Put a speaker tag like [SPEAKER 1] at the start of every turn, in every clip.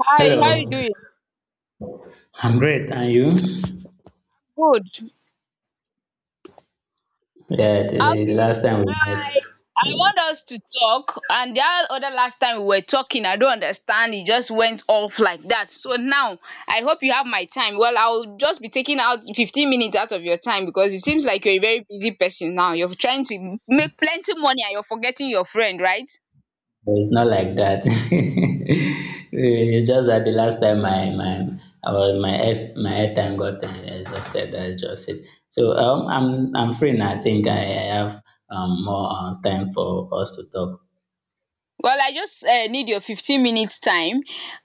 [SPEAKER 1] Hi, how you
[SPEAKER 2] Hello,
[SPEAKER 1] doing?
[SPEAKER 2] I'm great, and you?
[SPEAKER 1] Good.
[SPEAKER 2] Yeah, the
[SPEAKER 1] Okay.
[SPEAKER 2] last time we met,
[SPEAKER 1] I I want us to talk, and the other last time we were talking, I don't understand. It just went off like that. So now I hope you have my time. Well, I'll just be taking out 15 minutes out of your time because it seems like you're a very busy person now. You're trying to make plenty money and you're forgetting your friend, right?
[SPEAKER 2] but it's not like that. It's just that the last time my I was, my ex, my airtime got exhausted. That's just it. So I'm free now. I think I have more time for us to talk.
[SPEAKER 1] Well, I just need your 15 minutes time.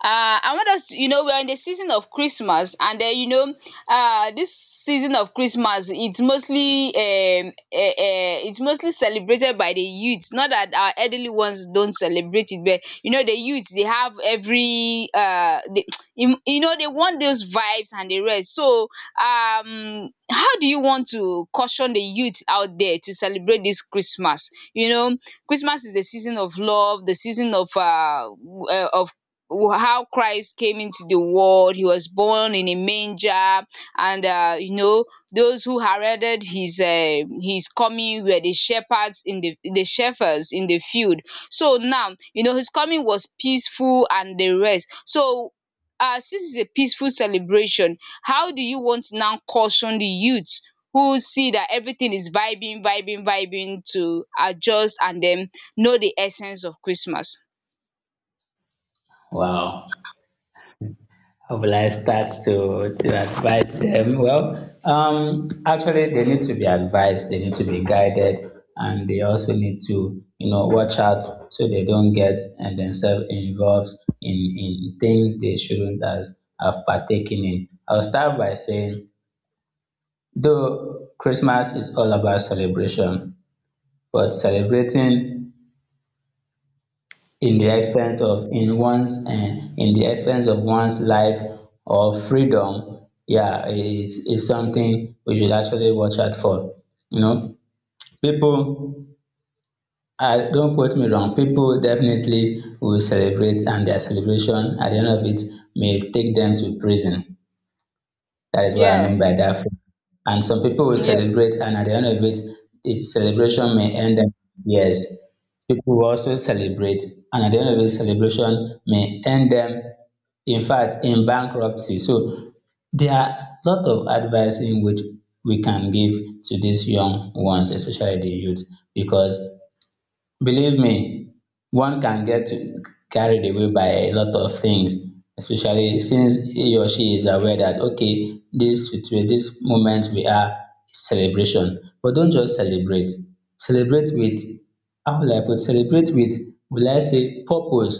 [SPEAKER 1] I want us to, you know, we're in the season of Christmas, and then you know, this season of Christmas, it's mostly celebrated by the youths. Not that our elderly ones don't celebrate it, but you know, the youths, they have every they, you know, they want those vibes and the rest. So, how do you want to caution the youth out there to celebrate this Christmas? You know, Christmas is the season of love, the season of how Christ came into the world. He was born in a manger, and you know, those who heralded his coming were the shepherds in the field. So now you know his coming was peaceful and the rest. So since it's a peaceful celebration, how do you want to now caution the youth who see that everything is vibing, vibing, vibing, to adjust and then know the essence of Christmas.
[SPEAKER 2] Wow. How will I start to advise them? Well, actually, they need to be advised, they need to be guided, and they also need to, you know, watch out so they don't get and themselves involved in things they shouldn't have partaken in. I'll start by saying, though Christmas is all about celebration, but celebrating in the expense of in one's in the expense of one's life or freedom, yeah, is something we should actually watch out for, you know. People don't quote me wrong, people definitely will celebrate and their celebration at the end of it may take them to prison. That is what I
[SPEAKER 1] Yeah,
[SPEAKER 2] mean by that. And some people will
[SPEAKER 1] yeah,
[SPEAKER 2] celebrate, and at the end of it, the celebration may end in tears. People will also celebrate, and at the end of it, celebration may end them, in fact, in bankruptcy. So there are a lot of advice in which we can give to these young ones, especially the youth, because believe me, one can get carried away by a lot of things, especially since he or she is aware that okay, this situa- this moment we are is celebration. But don't just celebrate. Celebrate with how will I put celebrate with will I say purpose.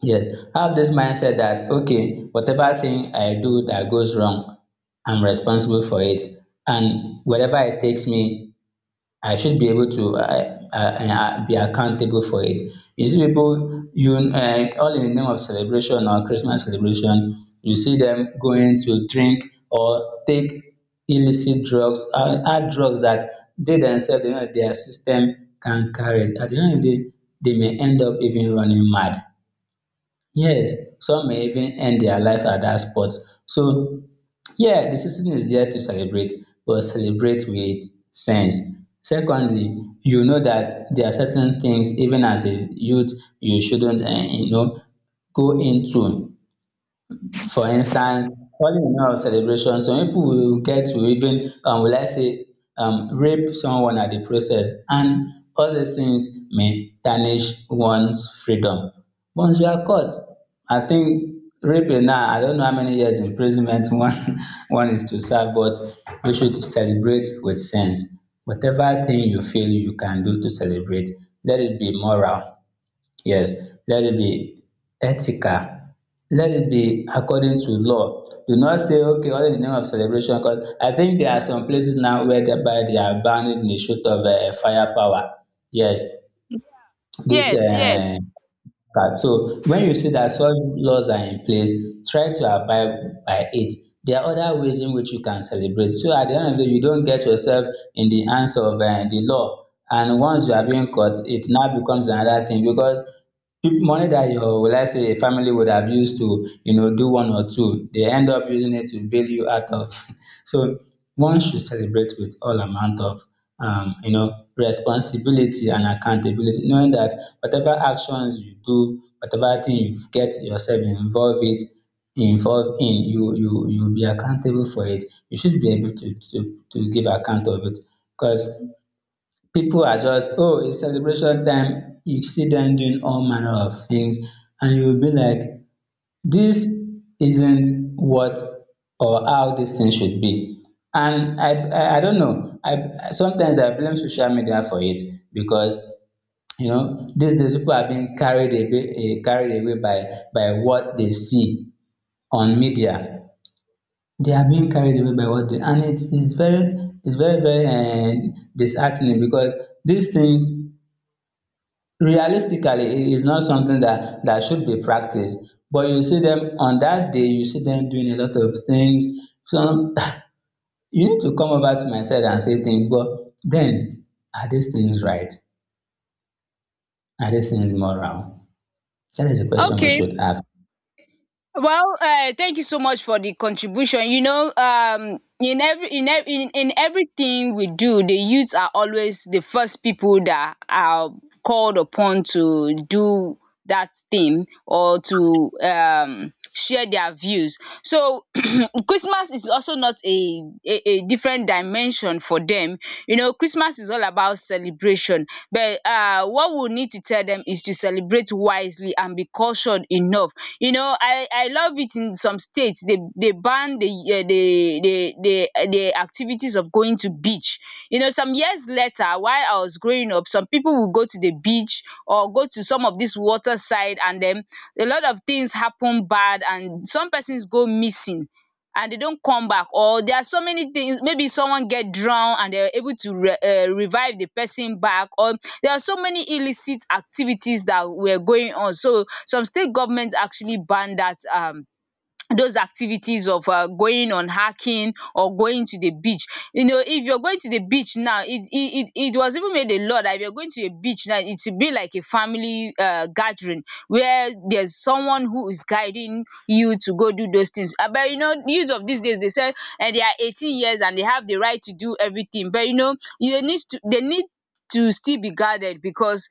[SPEAKER 2] Yes. Have this mindset that okay, whatever thing I do that goes wrong, I'm responsible for it. And wherever it takes me, I should be able to be accountable for it. You see people, you all in the name of celebration or Christmas celebration, you see them going to drink or take illicit drugs, hard drugs that they themselves, they know that their system can carry it. At the end of the day, they may end up even running mad. Yes, some may even end their life at that spot. So yeah, the season is there to celebrate, but celebrate with sense. Secondly, you know that there are certain things even as a youth you shouldn't you know go into. For instance, calling in all celebration some people will get to even will I say rape someone at the process and all these things may tarnish one's freedom. Once you are caught I think raping now I don't know how many years imprisonment one is to serve but we should celebrate with sense. Whatever thing you feel you can do to celebrate, let it be moral. Yes, let it be ethical. Let it be according to law. Do not say, okay, all in the name of celebration, because I think there are some places now where thereby they are banning the shoot of firepower. Yes, this
[SPEAKER 1] yes, yes.
[SPEAKER 2] okay, so when you see that such laws are in place, try to abide by it. There are other ways in which you can celebrate. So at the end of the day, you don't get yourself in the hands of the law. And once you are being caught, it now becomes another thing because peop- money that your will I say a family would have used to, you know, do one or two, they end up using it to bail you out of. So one should celebrate with all amount of you know, responsibility and accountability, knowing that whatever actions you do, whatever thing you get yourself involved with, involved in, you'll be accountable for it. You should be able to give account of it because people are just oh it's celebration time. You see them doing all manner of things, and you'll be like this isn't what or how this thing should be. And I don't know, I sometimes I blame social media for it because you know these days people are being carried away, eh, carried away by what they see on media. They are being carried away by what they, and it is it's very it's very disheartening because these things realistically it is not something that that should be practiced, but you see them on that day, you see them doing a lot of things. Some you need to come over to my side and say things but then are these things right, are these things moral? That is a question we
[SPEAKER 1] Okay.
[SPEAKER 2] should ask.
[SPEAKER 1] Well, thank you so much for the contribution. You know, in every in ev- in everything we do, the youths are always the first people that are called upon to do that thing or to share their views. So Christmas is also not a different dimension for them. You know, Christmas is all about celebration. But what we need to tell them is to celebrate wisely and be cultured enough. You know, I love it in some states they ban the the activities of going to beach. You know, some years later, while I was growing up, some people will go to the beach or go to some of this water side, and then a lot of things happen bad, and some persons go missing and they don't come back, or there are so many things, maybe someone get drowned and they were able to revive the person back, or there are so many illicit activities that were going on, so some state government actually banned that those activities of going on hiking or going to the beach. You know, if you're going to the beach now, it was even made a law that if you're going to a beach now, it should be like a family gathering where there's someone who is guiding you to go do those things. But you know, youths of these days, they say, and they are 18 years and they have the right to do everything, but you know, you need to, they need to still be guarded, because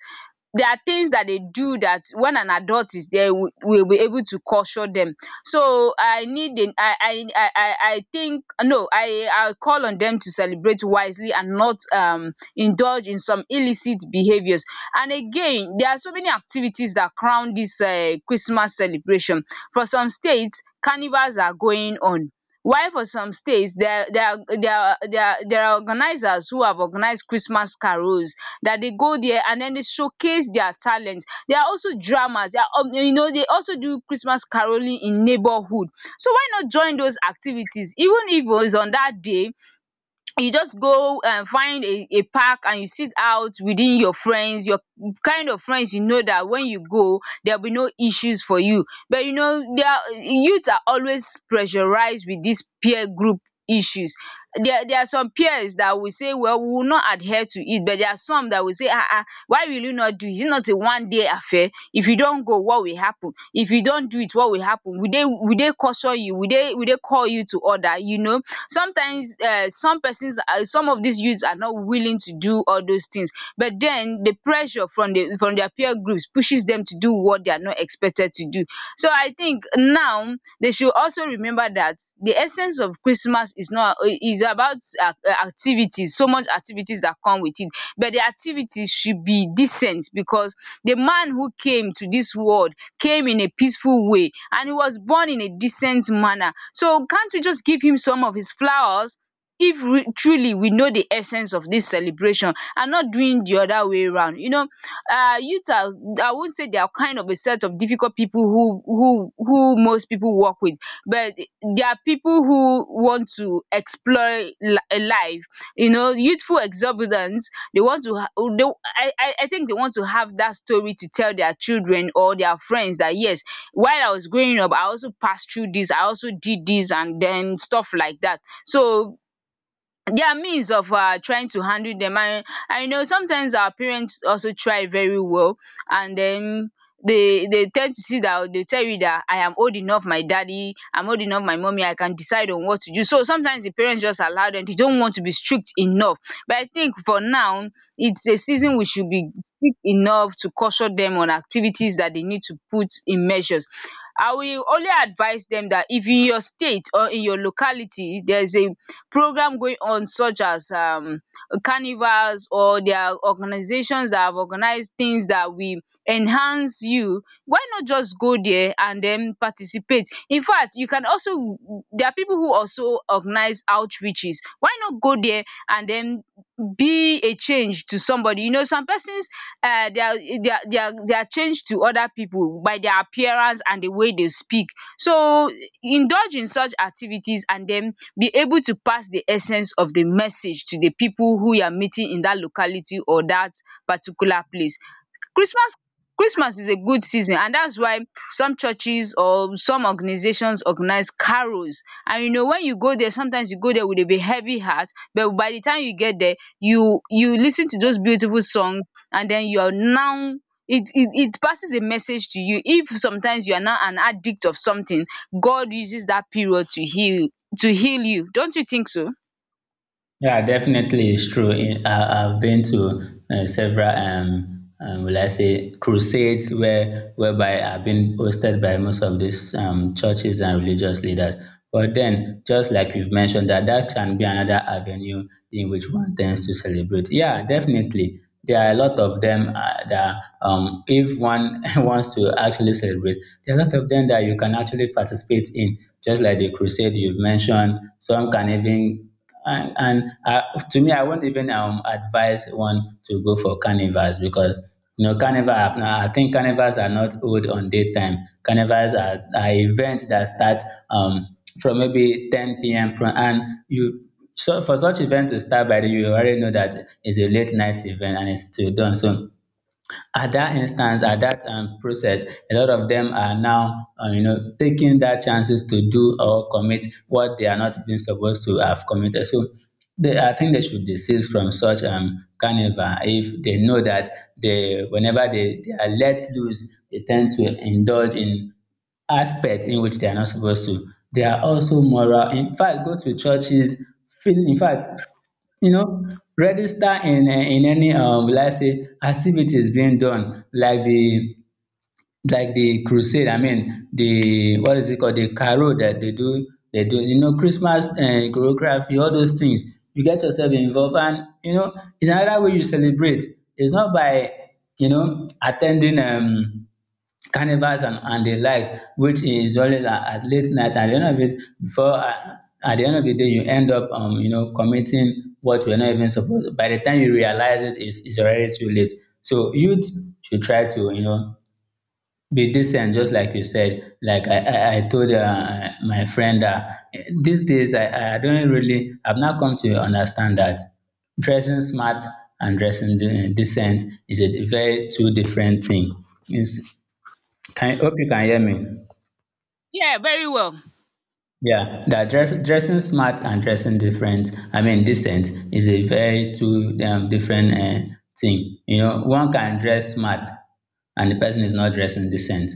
[SPEAKER 1] there are things that they do that when an adult is there, we will be able to caution them. So I need a, I think, no, I call on them to celebrate wisely and not indulge in some illicit behaviors. And again, there are so many activities that crown this Christmas celebration. For some states, carnivals are going on. While for some states, there are organizers who have organized Christmas carols that they go there and then they showcase their talent. There are also dramas, there are you know, they also do Christmas caroling in neighborhood. So why not join those activities? Even if it's on that day, you just go find a park and you sit out within your friends, your kind of friends you know, that when you go there will be no issues for you. But you know, there are youths, are always pressurized with this peer group issues. There are some peers that will say, well, we will not adhere to it, but there are some that will say, ah, ah, why will you not do it, is it not a one day affair, if you don't go what will happen, if you don't do it what will happen, will they caution you, will they call you to order, you know. Sometimes some persons, some of these youths are not willing to do all those things, but then the pressure from their peer groups pushes them to do what they are not expected to do. So I think now they should also remember that the essence of Christmas is not, is about uh, activities, so much activities that come with it. But the activities should be decent, because the man who came to this world came in a peaceful way and he was born in a decent manner. So can't we just give him some of his flowers if we, truly we know the essence of this celebration, and not doing the other way round. You know, youths are, I would not say they are kind of a set of difficult people who who most people work with, but they are people who want to explore life. You know, youthful exuberance, they want to ha they I think they want to have that story to tell their children or their friends that yes, while I was growing up, I also passed through this, I also did this, and then stuff like that. So there are means of trying to handle them, and I know sometimes our parents also try very well, and then they tend to see that they tell you that I am old enough, my daddy, I'm old enough, my mommy, I can decide on what to do. So sometimes the parents just allow them, they don't want to be strict enough, but I think for now, it's a season we should be strict enough to caution them on activities that they need to put in measures. I will only advise them that if in your state or in your locality there's a program going on, such as carnivals, or there are organizations that have organized things that will enhance you, why not just go there and then participate? In fact, you can also, there are people who also organize outreaches, why not go there and then be a change to somebody? You know, some persons, they are change to other people by their appearance and the way they speak. So indulge in such activities and then be able to pass the essence of the message to the people who you are meeting in that locality or that particular place. christmas christmas is a good season, and that's why some churches or some organizations organize carols. And you know, when you go there sometimes, you go there with a bit heavy heart, but by the time you get there, you listen to those beautiful songs, and then you are now, it passes a message to you. If sometimes you are now an addict of something, God uses that period to heal, you don't you think so?
[SPEAKER 2] Yeah, definitely, it's true. In- I've been to several, will I say, crusades where whereby I've been hosted by most of these churches and religious leaders. But then, just like you've mentioned, that can be another avenue in which one tends to celebrate. Yeah, definitely, there are a lot of them that if one wants to actually celebrate, there are a lot of them that you can actually participate in, just like the crusade you've mentioned. Some can even and to me, I won't even advise one to go for carnivals because you know carnival. Are- I think carnivals are not old on daytime. Carnivals are events that start from maybe 10 p.m. pro- and you. So for such event to start by, the- you already know that it's a late night event and it's till dawn. So at that instance, at that process, a lot of them are now, you know, taking that chances to do or commit what they are not even supposed to have committed. So, they, I think they should desist from such carnival if they know that they, whenever they are let loose, they tend to indulge in aspect in which they are not supposed to. They are also moral. In fact, go to churches. Feel, in fact, you know, register in eh, in any will I say activities being done like the crusade, I mean the what is it called the carol that they do, you know, Christmas and choreography, all those things. You get yourself involved and you know it's another way you celebrate. It's not by, you know, attending carnivals and the likes, which is always at late night at the end of it, before at the end of the day you end up, you know, committing what we're not even supposed. By the time you realize it it's already too late. So youth should try to, you know, be decent, just like you said. Like I told my friend that these days I don't really, I've now come to understand that dressing smart and dressing de- decent is a very two different thing. Is can hope you can hear me?
[SPEAKER 1] Yeah, very well.
[SPEAKER 2] Yeah, that dress, dressing smart and dressing different, I mean decent, is a very two different thing. You know, one can dress smart and the person is not dressing decent,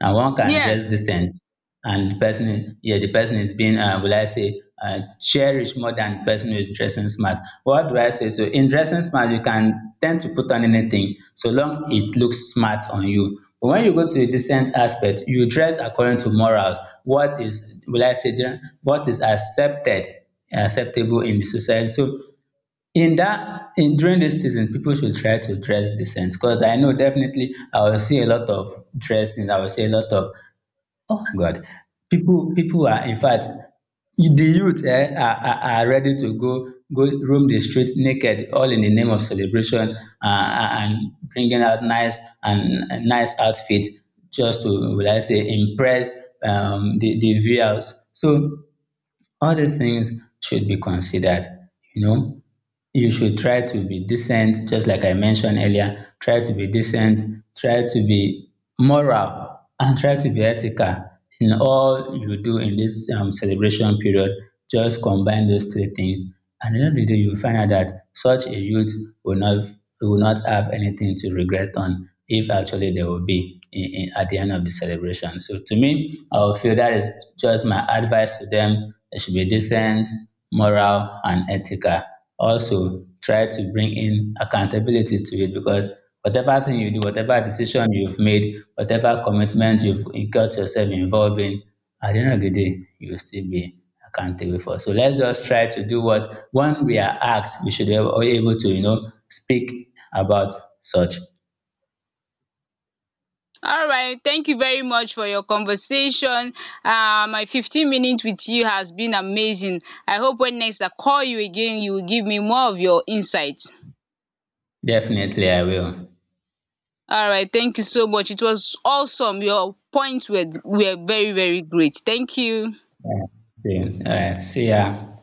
[SPEAKER 2] and one can
[SPEAKER 1] Yes.
[SPEAKER 2] dress decent and the person, yeah, the person is being, will I say, cherish more than the person who is dressing smart. What do I say? So in dressing smart, you can tend to put on anything so long it looks smart on you. But when you go to the decent aspect, you dress according to morals. What is, will I say, gen- what is accepted, acceptable in the society. So in that, in during this season, people should try to dress decent because I know definitely I will see a lot of dressing. I will see a lot of oh God, people are, in fact, the youth eh, are ready to go roam the street naked, all in the name of celebration, and bringing out nice and nice outfit just to, will I say, impress the viewers. So all these things should be considered. You know, you should try to be decent, just like I mentioned earlier. Try to be decent, try to be moral, and try to be ethical in all you do in this celebration period. Just combine those three things, and at the end of the day, you will find out that such a youth will not will not have anything to regret on if actually there will be, in, at the end of the celebration. So to me, I will feel that is just my advice to them. They should be decent, moral, and ethical. Also, try to bring in accountability to it because whatever thing you do, whatever decision you've made, whatever commitment you've got yourself involved in, at the end of the day, you will still be accountable for. So let's just try to do what when we are asked, we should be able to, you know, speak about such.
[SPEAKER 1] All right, thank you very much for your conversation. My 15 minutes with you has been amazing. I hope when next I call you again, you will give me more of your insights.
[SPEAKER 2] Definitely I will.
[SPEAKER 1] All right, thank you so much. It was awesome. Your points were very, very great. Thank you.
[SPEAKER 2] Yeah. See, all right. See ya.